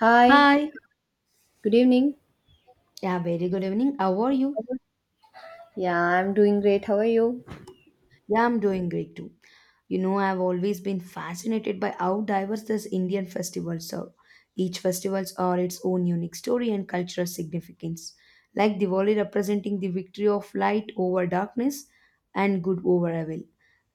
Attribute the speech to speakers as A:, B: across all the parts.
A: Hi,
B: Hi.
A: good evening.
B: Yeah, very good evening. How are
A: How
B: you?
A: are- Yeah, I'm doing great. How are you?
B: Yeah, I'm doing great too. You know, I've always been fascinated by how diverse this Indian festivals are. Each festivals are its own unique story and cultural significance. Like Diwali representing the victory of light over darkness and good over evil.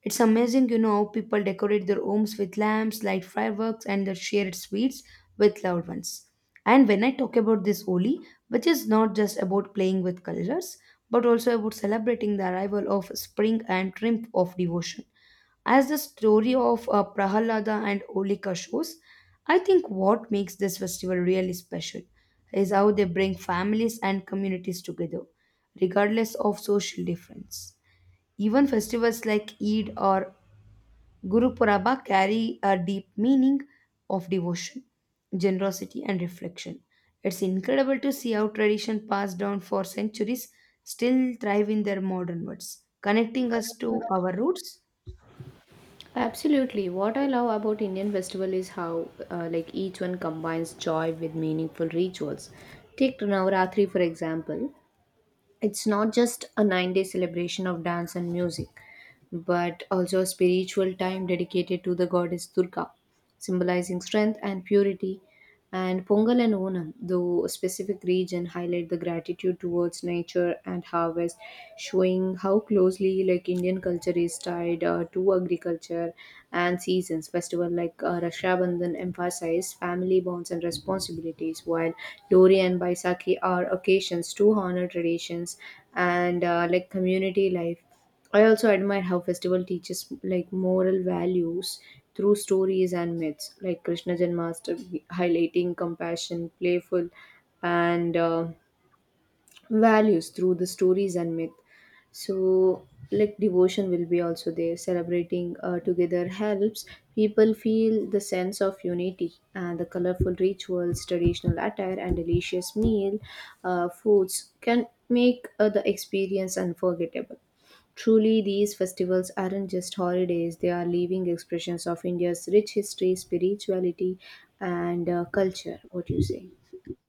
B: It's amazing, how people decorate their homes with lamps, light fireworks, and they share sweets with loved ones. And when I talk about this Holi, which is not just about playing with colors, but also about celebrating the arrival of spring and triumph of devotion. As the story of Prahalada and Olika shows, I think what makes this festival really special is how they bring families and communities together, regardless of social difference. Even festivals like Eid or Gurupuraba carry a deep meaning of devotion, generosity, and reflection. It's incredible to see how tradition passed down for centuries still thrive in their modern words, connecting us to our roots.
A: Absolutely. What I love about Indian festival is how like each one combines joy with meaningful rituals. Take Navaratri for example. It's not just a 9-day celebration of dance and music, but also a spiritual time dedicated to the goddess Durga, symbolizing strength and purity. And Pongal and Onam, though a specific region, highlight the gratitude towards nature and harvest, showing how closely like Indian culture is tied to agriculture and seasons. Festival like Raksha Bandhan emphasize family bonds and responsibilities, while Lori and Baisakhi are occasions to honor traditions and like community life. I also admire how festival teaches like moral values through stories and myths, like Krishna Janmashtami, highlighting compassion, playful, and values through the stories and myth. So, like devotion will be also there. Celebrating together helps people feel the sense of unity, and the colorful rituals, traditional attire, and delicious meal foods can make the experience unforgettable. Truly, these festivals aren't just holidays, they are living expressions of India's rich history, spirituality, and culture. What do you say?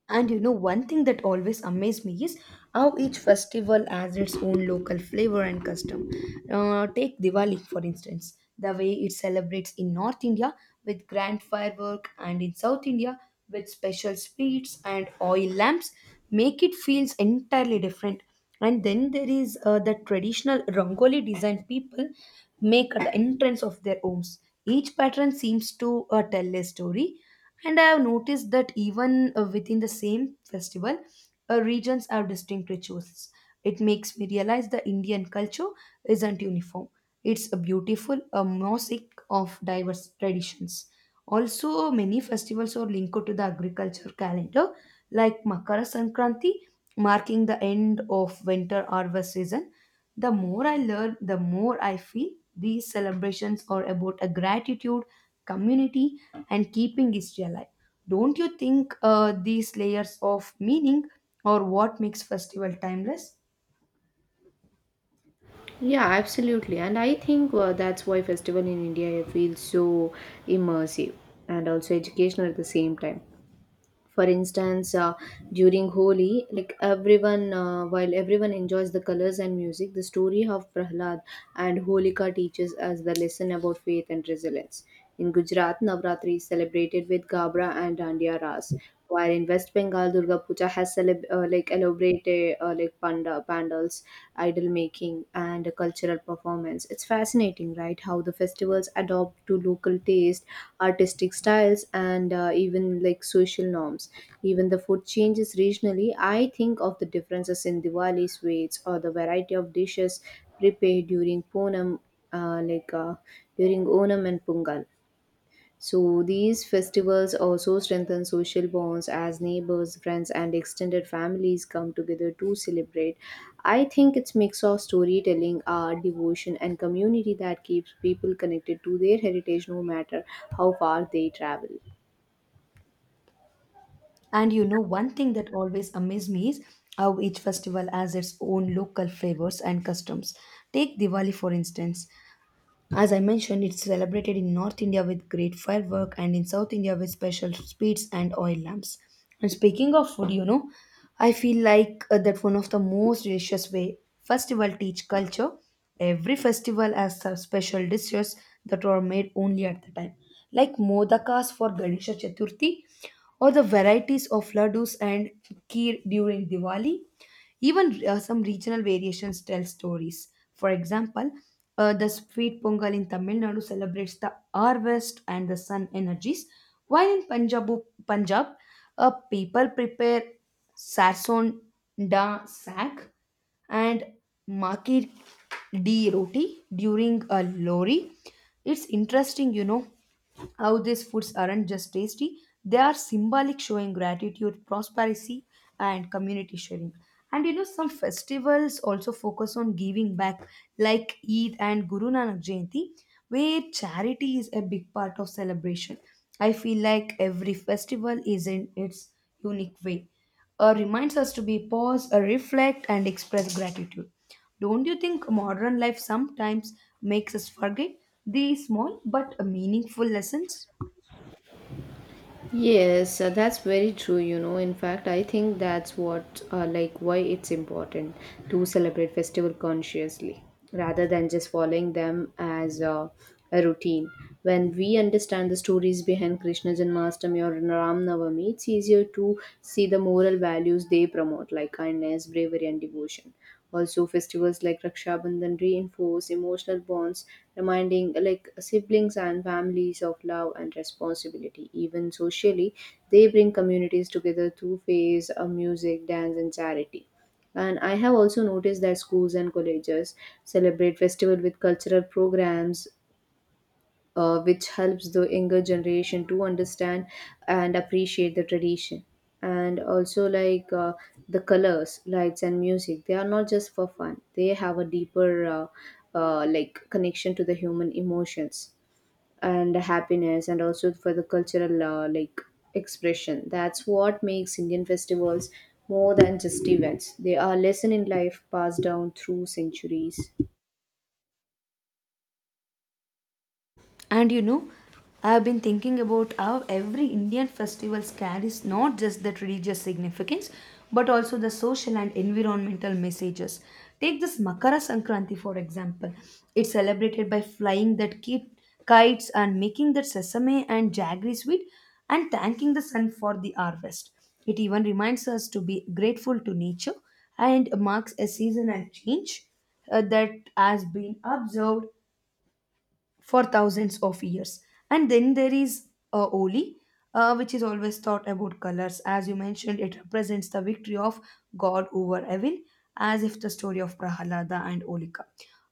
B: And one thing that always amazed me is how each festival has its own local flavor and custom. Take Diwali, for instance, the way it celebrates in North India with grand firework and in South India with special sweets and oil lamps make it feels entirely different. And then there is the traditional Rangoli design people make at the entrance of their homes. Each pattern seems to tell a story, and I have noticed that even within the same festival, regions have distinct rituals. It makes me realize the Indian culture isn't uniform. It's a beautiful a mosaic of diverse traditions. Also, many festivals are linked to the agriculture calendar, like Makara Sankranti, marking the end of winter harvest season. The more I learn, the more I feel these celebrations are about a gratitude, community, and keeping history alive. Don't you think these layers of meaning are what makes festival timeless?
A: Yeah, absolutely. And I think that's why festival in India feels so immersive and also educational at the same time. For instance, during Holi, like everyone while everyone enjoys the colors and music, the story of Prahlad and Holika teaches us the lesson about faith and resilience. In Gujarat, Navratri is celebrated with Gabra and Dandiya Ras, while in West Bengal, Durga Puja has like elaborated like pandals idol making and cultural performance. It's fascinating, right? How the festivals adopt to local taste, artistic styles, and even like social norms. Even the food changes regionally. I think of the differences in Diwali sweets or the variety of dishes prepared during Ponam, like during Onam and Pungal. So these festivals also strengthen social bonds as neighbors, friends, and extended families come together to celebrate. I think it's mix of storytelling, art, devotion, and community that keeps people connected to their heritage no matter how far they travel.
B: And one thing that always amazed me is how each festival has its own local flavors and customs. Take Diwali, for instance. As I mentioned, it's celebrated in North India with great firework and in South India with special sweets and oil lamps. And speaking of food, I feel like that one of the most delicious way festival teach culture. Every festival has some special dishes that were made only at the time, like modakas for Ganesha Chaturthi, or the varieties of laddus and kheer during Diwali. Even some regional variations tell stories. For example, the sweet pongal in Tamil Nadu celebrates the harvest and the sun energies, while in Punjab, Punjab people prepare sarson da sack and Makir D. Roti during a lorry. It's interesting, how these foods aren't just tasty. They are symbolic, showing gratitude, prosperity, and community sharing. And some festivals also focus on giving back, like Eid and Guru Nanak Jayanti, where charity is a big part of celebration. I feel like every festival is in its unique way reminds us to be pause, reflect, and express gratitude. Don't you think modern life sometimes makes us forget these small but meaningful lessons?
A: Yes, that's very true. In fact, I think why it's important to celebrate festival consciously rather than just following them as a routine. When we understand the stories behind Krishna Janmashtami or Ram Navami, it's easier to see the moral values they promote, like kindness, bravery, and devotion. Also, festivals like Raksha Bandhan reinforce emotional bonds, reminding like siblings and families of love and responsibility. Even socially, they bring communities together through phase of music, dance, and charity. And I have also noticed that schools and colleges celebrate festival with cultural programs, which helps the younger generation to understand and appreciate the tradition. And also like, the colors, lights, and music, they are not just for fun. They have a deeper like connection to the human emotions and happiness, and also for the cultural like expression. That's what makes Indian festivals more than just events. They are lesson in life passed down through centuries.
B: And I've been thinking about how every Indian festival carries not just the religious significance but also the social and environmental messages. Take this Makara Sankranti, for example. It's celebrated by flying that kites and making that sesame and jaggery sweet and thanking the sun for the harvest. It even reminds us to be grateful to nature and marks a seasonal change that has been observed for thousands of years. And then there is Oli, which is always thought about colors. As you mentioned, it represents the victory of God over evil, as if the story of Prahalada and Olika.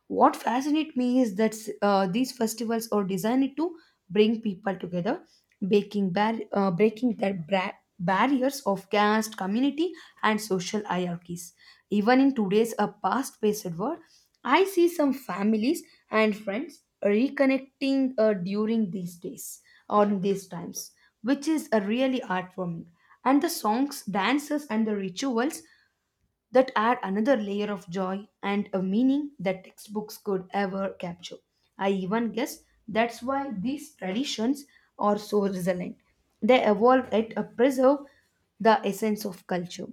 B: What fascinates me is that these festivals are designed to bring people together, breaking the barriers of caste, community, and social hierarchies. Even in today's a fast-paced world, I see some families and friends reconnecting during these days on these times, which is really heartwarming. And the songs, dances, and the rituals that add another layer of joy and a meaning that textbooks could ever capture. I even guess that's why these traditions are so resilient. They evolve yet preserve the essence of culture.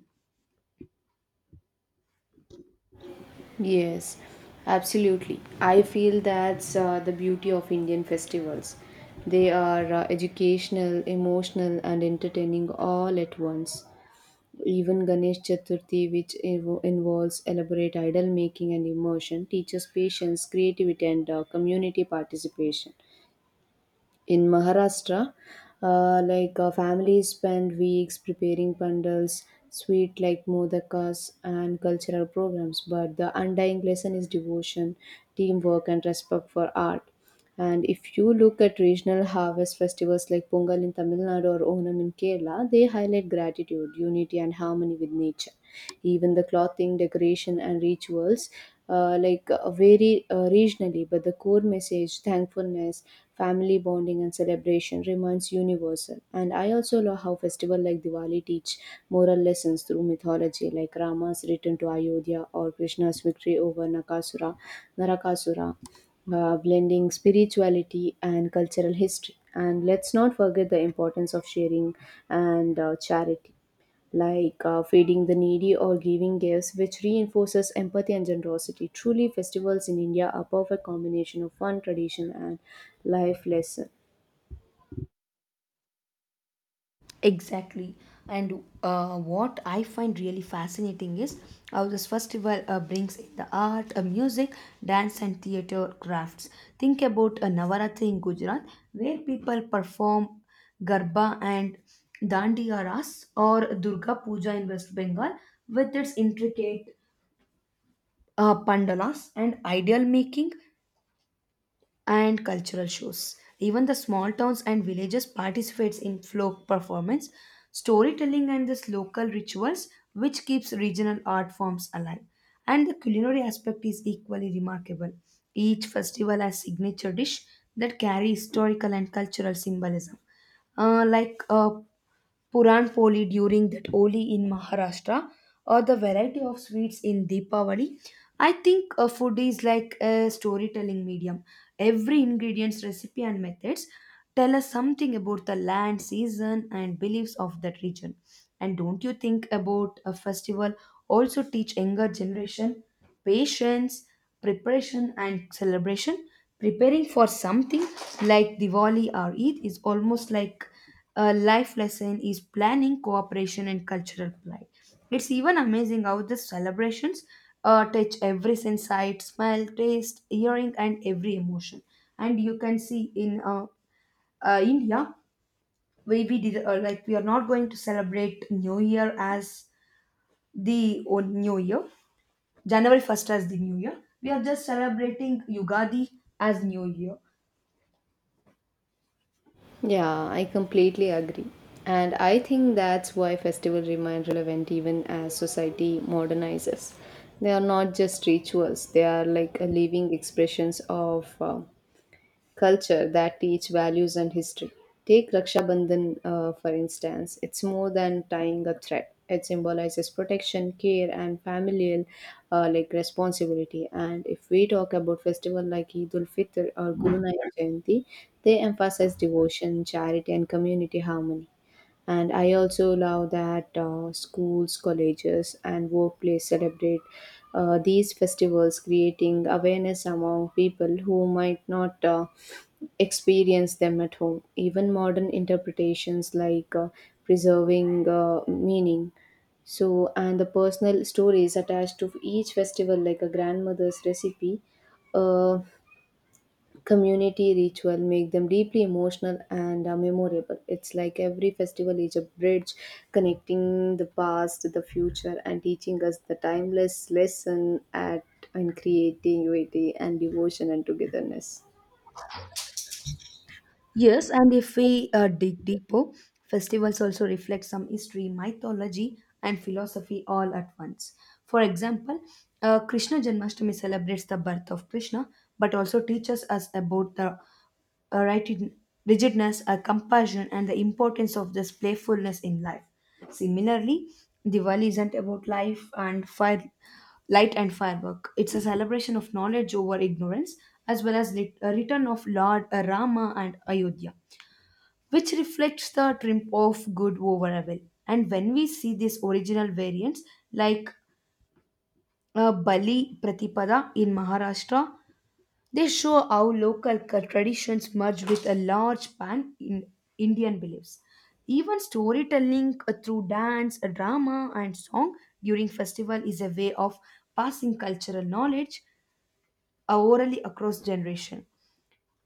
A: Yes, absolutely. I feel that's the beauty of Indian festivals. They are educational, emotional, and entertaining all at once. Even Ganesh Chaturthi, which involves elaborate idol making and immersion, teaches patience, creativity, and community participation. In Maharashtra, like families spend weeks preparing pandals, sweet like modakas, and cultural programs. But the undying lesson is devotion, teamwork, and respect for art. And if you look at regional harvest festivals like Pongal in Tamil Nadu or Onam in Kerala, they highlight gratitude, unity, and harmony with nature. Even the clothing, decoration, and rituals like vary regionally, but the core message, thankfulness, family bonding, and celebration remains universal. And I also love how festival like Diwali teach moral lessons through mythology, like Rama's return to Ayodhya or Krishna's victory over Narakasura, blending spirituality and cultural history. And let's not forget the importance of sharing and charity, like feeding the needy or giving gifts, which reinforces empathy and generosity. Truly, festivals in India are perfect combination of fun, tradition, and life lesson.
B: Exactly. And what I find really fascinating is how this festival brings in the art, music, dance, and theater crafts. Think about a Navaratri in Gujarat, where people perform Garba and Dandiyaras, or Durga Puja in West Bengal, with its intricate pandalas and ideal making and cultural shows. Even the small towns and villages participates in folk performance, storytelling and this local rituals which keeps regional art forms alive. And the culinary aspect is equally remarkable. Each festival has signature dish that carry historical and cultural symbolism. Like Puran Poli during that Oli in Maharashtra, or the variety of sweets in Deepavali. I think a food is like a storytelling medium. Every ingredient's recipe and methods tell us something about the land, season, and beliefs of that region. And don't you think about a festival also teach younger generation patience, preparation, and celebration? Preparing for something like Diwali or Eid is almost like a life lesson is planning, cooperation, and cultural pride. It's even amazing how the celebrations touch every sense, sight, smell, taste, hearing, and every emotion. And you can see in India, we did like we are not going to celebrate New Year as the New Year, January 1st as the New Year. We are just celebrating Yugadi as New Year.
A: Yeah, I completely agree. And I think that's why festivals remain relevant even as society modernizes. They are not just rituals, they are like a living expressions of culture that teach values and history. Take Raksha Bandhan, for instance. It's more than tying a thread. It symbolizes protection, care, and familial like responsibility. And if we talk about festival like Eid ul Fitr or Guru Nanak Jayanti, they emphasize devotion, charity, and community harmony. And I also love that schools, colleges, and workplace celebrate these festivals, creating awareness among people who might not experience them at home. Even modern interpretations like preserving meaning. So, and the personal stories attached to each festival, like a grandmother's recipe, a community ritual, make them deeply emotional and memorable. It's like every festival is a bridge connecting the past to the future and teaching us the timeless lesson at in creativity and devotion and togetherness.
B: Yes, and if we dig deeper, festivals also reflect some history, mythology, and philosophy all at once. For example, Krishna Janmashtami celebrates the birth of Krishna, but also teaches us about the uh, rigid- rigidness, compassion, and the importance of this playfulness in life. Similarly, Diwali isn't about life and fire, light and firework. It's a celebration of knowledge over ignorance, as well as a return of Lord Rama and Ayodhya, which reflects the triumph of good over evil. And when we see these original variants, like Bali Pratipada in Maharashtra, they show how local traditions merge with a large pan in Indian beliefs. Even storytelling through dance, drama, and song during festival is a way of passing cultural knowledge orally across generation.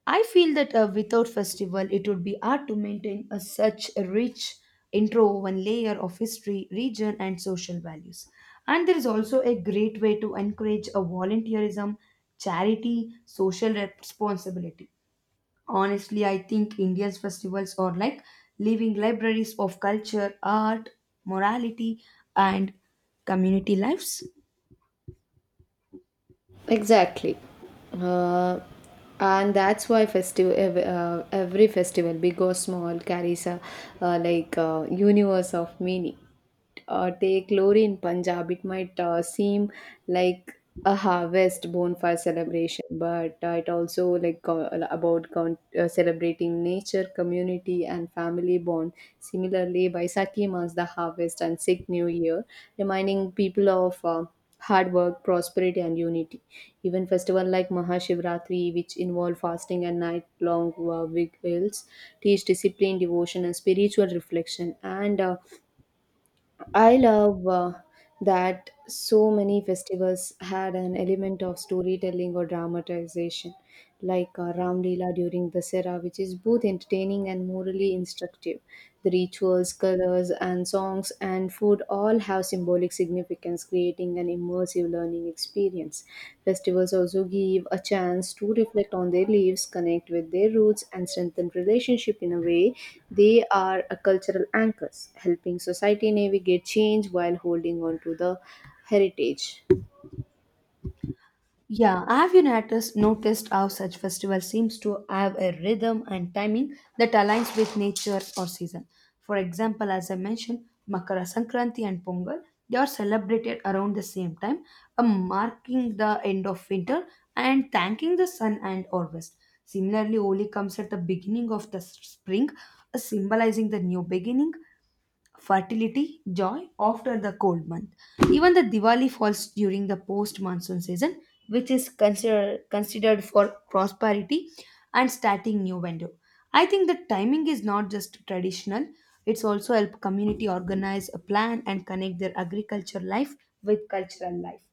B: I feel that without festival, it would be hard to maintain a, such a rich intro one layer of history, region, and social values. And there is also a great way to encourage a volunteerism, charity, social responsibility. Honestly, I think Indians festivals are like living libraries of culture, art, morality, and community lives.
A: Exactly. Uh, and that's why every festival, big or small, carries a like universe of meaning. Take Lori in Punjab, it might seem like a harvest bonfire celebration, but it also celebrating nature, community, and family bond. Similarly, Baisakhi marks the harvest and Sikh New Year, reminding people of hard work, prosperity, and unity. Even festival like Mahashivratri, which involve fasting and night-long vigils, teach discipline, devotion, and spiritual reflection. And I love that so many festivals had an element of storytelling or dramatization, like Ram Leela during Dasera, which is both entertaining and morally instructive. The rituals, colors, and songs and food all have symbolic significance, creating an immersive learning experience. Festivals also give a chance to reflect on their lives, connect with their roots, and strengthen relationship in a way they are a cultural anchors, helping society navigate change while holding on to the heritage.
B: Yeah, have you noticed how such festival seems to have a rhythm and timing that aligns with nature or season? For example, as I mentioned, Makara Sankranti and Pongal, they are celebrated around the same time, marking the end of winter and thanking the sun and harvest. Similarly, Holi comes at the beginning of the spring, symbolizing the new beginning, fertility, joy after the cold month. Even the Diwali falls during the post monsoon season, which is considered for prosperity and starting new window. I think the timing is not just traditional, it's also help community organize a plan and connect their agriculture life with cultural life.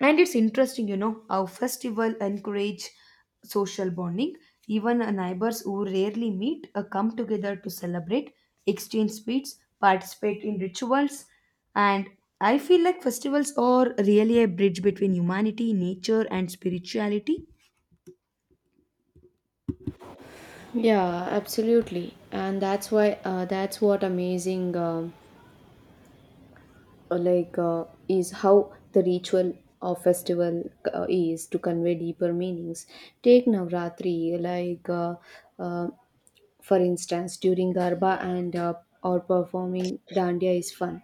B: And it's interesting, how festival encourage social bonding. Even neighbors who rarely meet come together to celebrate, exchange sweets, participate in rituals, and I feel like festivals are really a bridge between humanity, nature, and spirituality.
A: Yeah, absolutely, and that's why that's what amazing. Like, is how the ritual or festival is to convey deeper meanings. Take Navratri, like, uh, for instance. During Garba and or performing Dandiya is fun,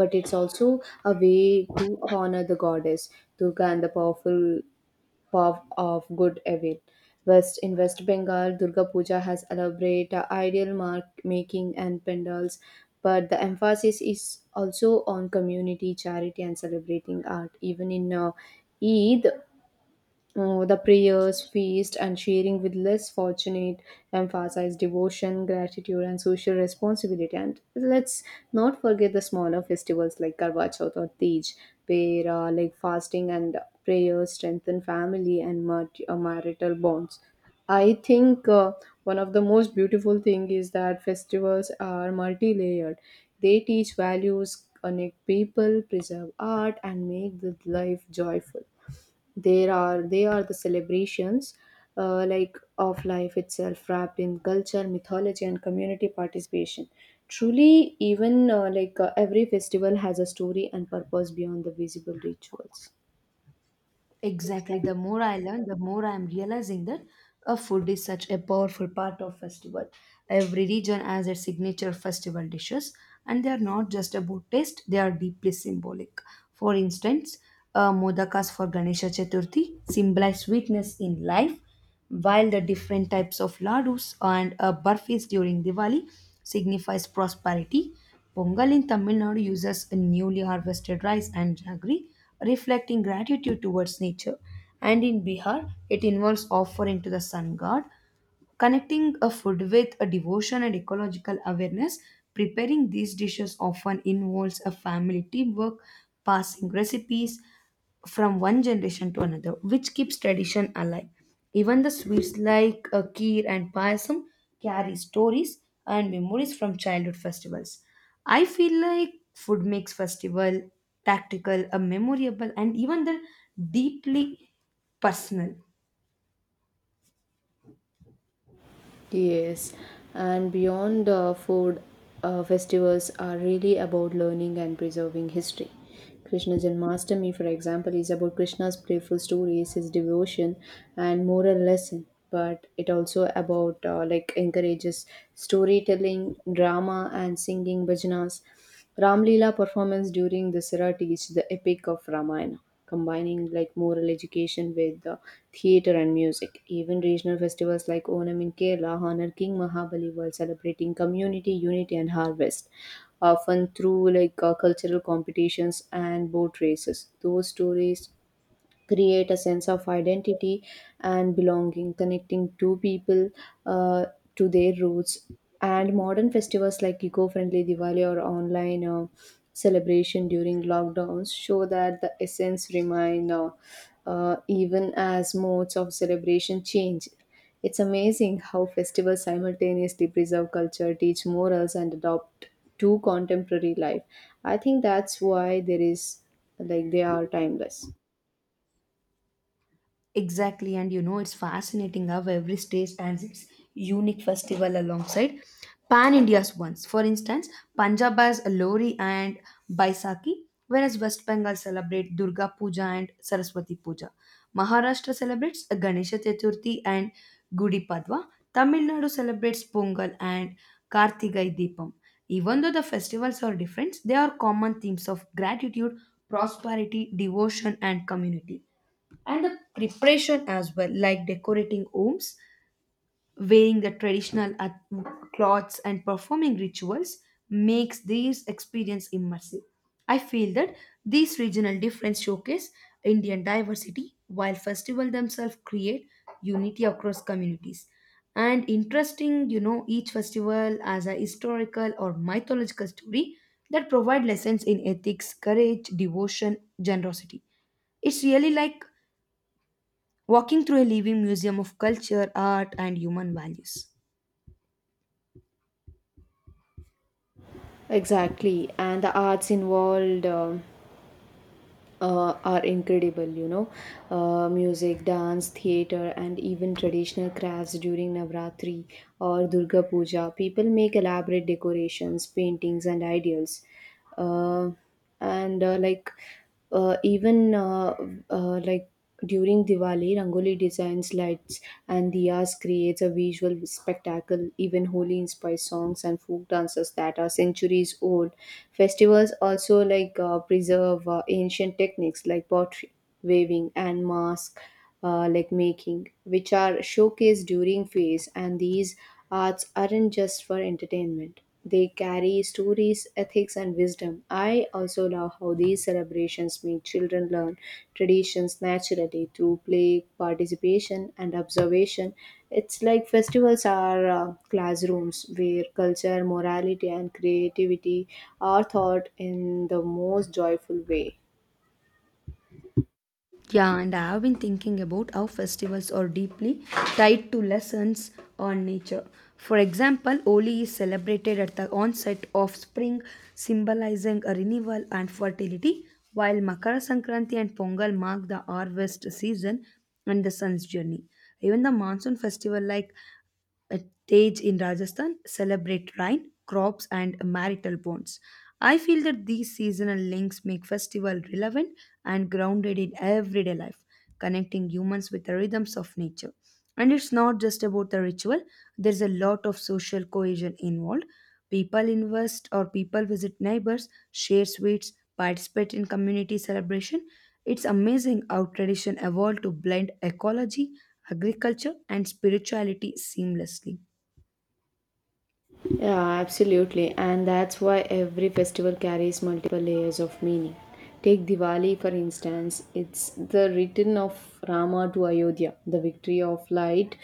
A: but it's also a way to honor the goddess Durga and the powerful pav of good evil. West in West Bengal, Durga Puja has elaborate ideal mark making and pendals, but the emphasis is also on community charity and celebrating art. Even in Eid, the prayers, feast, and sharing with less fortunate emphasize devotion, gratitude, and social responsibility. And let's not forget the smaller festivals like Karwa Chauth or Tej, where like fasting and prayers strengthen family and marital bonds. I think one of the most beautiful thing is that festivals are multi-layered. They teach values, connect people, preserve art, and make the life joyful. There are They are the celebrations, like of life itself, wrapped in culture, mythology, and community participation. Truly, even like every festival has a story and purpose beyond the visible rituals.
B: Exactly.
A: Exactly.
B: The more I learn, the more I'm realizing that a food is such a powerful part of festival. Every region has its signature festival dishes, and they are not just about taste; they are deeply symbolic. For instance, modakas for Ganesha Chaturthi symbolize sweetness in life, while the different types of laddus and burfis during Diwali signifies prosperity. Pongal in Tamil Nadu uses a newly harvested rice and jaggery, reflecting gratitude towards nature. And in Bihar, it involves offering to the sun god, connecting a food with a devotion and ecological awareness, preparing these dishes often involves a family teamwork, passing recipes from one generation to another, which keeps tradition alive. Even the sweets like a kheer and payasam carry stories and memories from childhood festivals. I feel like food makes festival tactical, a memorable, and even the deeply personal.
A: Yes, and beyond food, festivals are really about learning and preserving history. Krishna Janmashtami, for example, is about Krishna's playful stories, his devotion, and moral lesson. But it also about like encourages storytelling, drama, and singing bhajanas. Ramlila performance during the Dasara teach the epic of Ramayana, combining like moral education with theatre and music. Even regional festivals like Onam in Kerala honor King Mahabali while celebrating community unity and harvest, often through like cultural competitions and boat races. Those stories create a sense of identity and belonging, connecting two people uh, to their roots. And modern festivals like eco friendly Diwali or online celebration during lockdowns show that the essence remain even as modes of celebration change. It's amazing how festivals simultaneously preserve culture, teach morals, and adopt to contemporary life. I think that's why there is like they are timeless.
B: Exactly, and it's fascinating how every state has its unique festival alongside Pan India's ones. For instance, Punjab has Lori and Baisakhi, whereas West Bengal celebrate Durga Puja and Saraswati Puja. Maharashtra celebrates Ganesha Chaturthi and Gudi Padwa. Tamil Nadu celebrates Pongal and Kartigai Deepam. Even though the festivals are different, they are common themes of gratitude, prosperity, devotion, and community and the preparation as well, like decorating homes, wearing the traditional clothes, and performing rituals, makes these experience immersive. I feel that these regional differences showcase Indian diversity, while festivals themselves create unity across communities. And interesting, you know, each festival as a historical or mythological story that provide lessons in ethics, courage, devotion, generosity it's really like walking through a living museum of culture, art, and human values.
A: Exactly, and the arts involved are incredible. Music, dance, theater, and even traditional crafts during Navratri or Durga Puja. People make elaborate decorations, paintings, and ideals. Uh, and like even like, during Diwali, Rangoli designs lights and diyas creates a visual spectacle. Even Holi inspires songs and folk dances that are centuries old. Festivals also like preserve ancient techniques like pottery, weaving, and mask like making, which are showcased during fairs. And these arts aren't just for entertainment; they carry stories, ethics, and wisdom. I also love how these celebrations make children learn traditions naturally through play, participation, and observation. It's like festivals are classrooms where culture, morality, and creativity are taught in the most joyful way.
B: Yeah, and I have been thinking about how festivals are deeply tied to lessons on nature. For example, Holi is celebrated at the onset of spring, symbolizing a renewal and fertility, while Makara Sankranti and Pongal mark the harvest season and the sun's journey. Even the monsoon festival like a Tej in Rajasthan celebrate rain, crops, and marital bonds. I feel that these seasonal links make festival relevant and grounded in everyday life, connecting humans with the rhythms of nature. And it's not just about the ritual, there's a lot of social cohesion involved. People invest or people visit neighbors, share sweets, participate in community celebration. It's amazing how tradition evolved to blend ecology agriculture and spirituality seamlessly.
A: Yeah, absolutely. And that's why every festival carries multiple layers of meaning. Take Diwali, for instance, it's the return of Rama to Ayodhya, the victory of light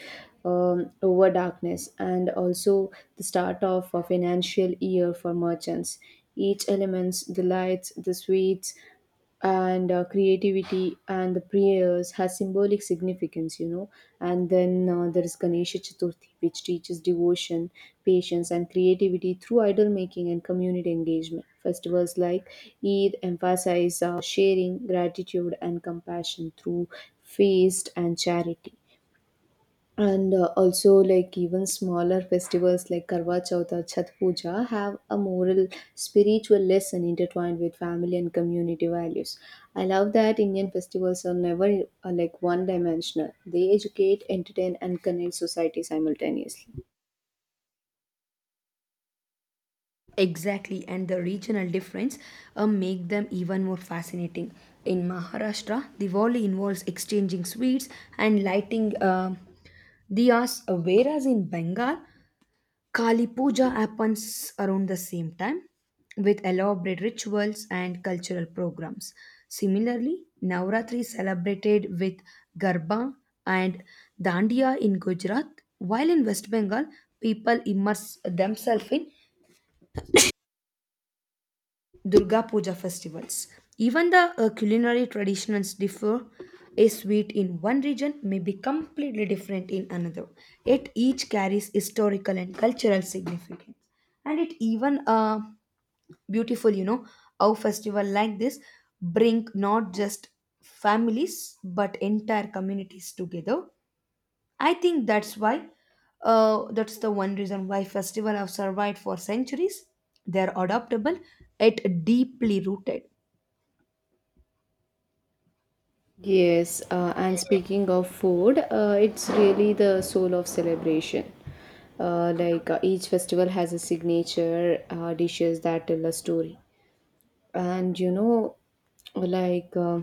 A: over darkness, and also the start of a financial year for merchants. Each elements, the lights, the sweets, and creativity and the prayers has symbolic significance. And then there is Ganesha Chaturthi, which teaches devotion, patience, and creativity through idol making and community engagement. Festivals like Eid emphasize sharing, gratitude, and compassion through feast and charity. And also, like, even smaller festivals like Karwa Chauth or Chhat Puja have a moral, spiritual lesson intertwined with family and community values. I love that Indian festivals are never like one-dimensional. They educate, entertain, and connect society simultaneously.
B: Exactly, and the regional difference make them even more fascinating. In Maharashtra, Diwali involves exchanging sweets and lighting diyas, whereas in Bengal, Kali Puja happens around the same time with elaborate rituals and cultural programs. Similarly, Navratri is celebrated with Garba and Dandiya in Gujarat, while in West Bengal, people immerse themselves in Durga Puja festivals. Even the culinary traditions differ. A sweet in one region may be completely different in another, yet each carries historical and cultural significance. And it even beautiful, you know, how festival like this bring not just families but entire communities together. I think that's why, that's the one reason why festivals have survived for centuries. They're adaptable, yet deeply rooted.
A: Yes, and speaking of food, it's really the soul of celebration. Like, each festival has a signature dishes that tell a story. And like uh,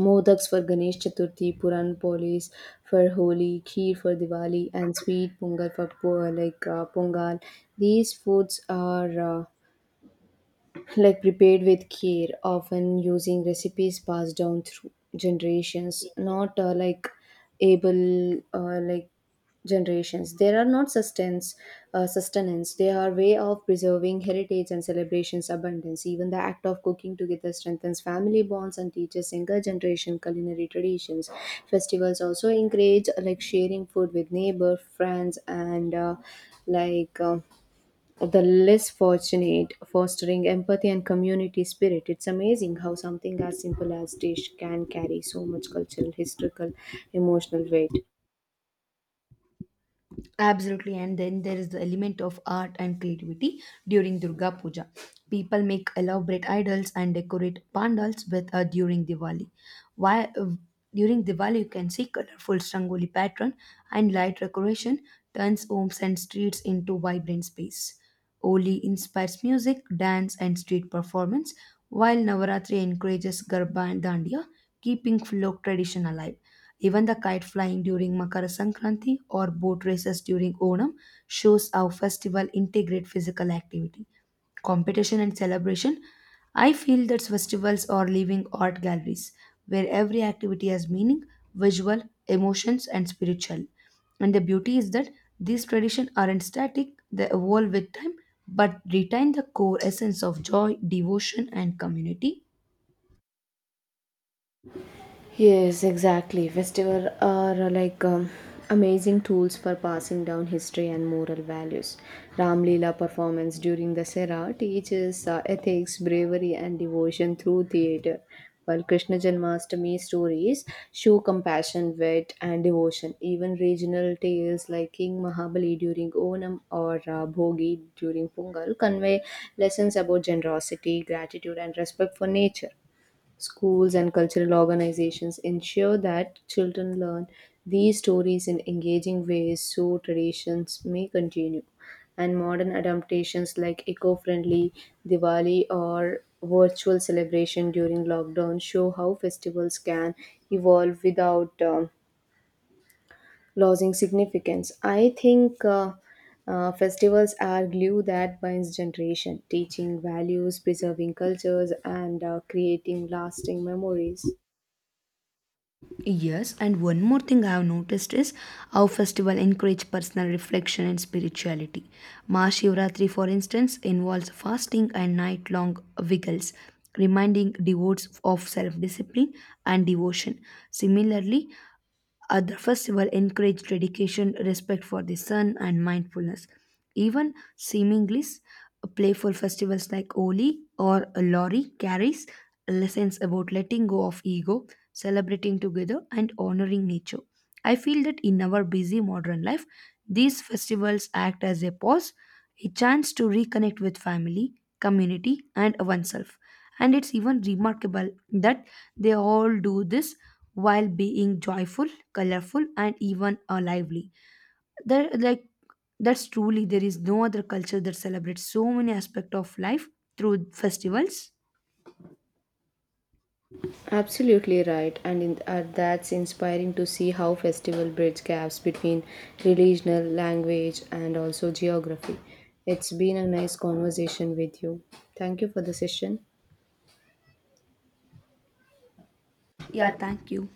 A: modaks for Ganesh Chaturthi, puran polis for Holi, kheer for Diwali, and sweet pongal for pongal. These foods are like prepared with care, often using recipes passed down through generations, not like able like generations. There are not sustenance. They are way of preserving heritage and celebrations abundance. Even the act of cooking together strengthens family bonds and teaches younger generation culinary traditions. Festivals also encourage like sharing food with neighbor, friends, and like. um the less fortunate, fostering empathy and community spirit. It's amazing how something as simple as dish can carry so much cultural, historical, emotional weight.
B: Absolutely, and then there is the element of art and creativity during Durga Puja. People make elaborate idols and decorate pandals with during Diwali. Why during Diwali you can see colorful Strangoli pattern and light decoration turns homes and streets into vibrant space. Oli inspires music, dance, and street performance, while Navaratri encourages Garba and Dandiya, keeping folk tradition alive. Even the kite flying during Makara Sankranti or boat races during Onam shows how festival integrate physical activity competition and celebration. I feel that festivals are living art galleries where every activity has meaning, visual, emotions, and spiritual. And the beauty is that these traditions aren't static, they evolve with time but retain the core essence of joy, devotion, and community.
A: Yes, exactly. Festivals are like amazing tools for passing down history and moral values. Ram Leela performance during the Sera teaches ethics, bravery, and devotion through theatre, while Krishna Janmashtami stories show compassion, wit, and devotion. Even regional tales like King Mahabali during Onam or Bhogi during Pongal convey lessons about generosity, gratitude, and respect for nature. Schools and cultural organizations ensure that children learn these stories in engaging ways so traditions may continue. And modern adaptations like eco friendly Diwali or virtual celebration during lockdown show how festivals can evolve without losing significance. I think. Festivals are glue that binds generation, teaching values, preserving cultures, and creating lasting memories.
B: Yes, and one more thing I have noticed is how festival encourage personal reflection and spirituality. Mahashivratri, for instance, involves fasting and night-long vigils, reminding devotees of self-discipline and devotion. Similarly, other festival encourage dedication, respect for the sun, and mindfulness. Even seemingly playful festivals like Oli or Lori carries lessons about letting go of ego, celebrating together, and honoring nature. I feel that in our busy modern life, these festivals act as a pause, a chance to reconnect with family, community, and oneself. And it's even remarkable that they all do this while being joyful, colorful, and even lively. They're like that's truly there is no other culture that celebrates so many aspects of life through festivals.
A: Absolutely right, and that's inspiring to see how festival bridge gaps between regional language and also geography. It's been a nice conversation with you. Thank you for the session.
B: Yeah,
A: Yeah,
B: thank you.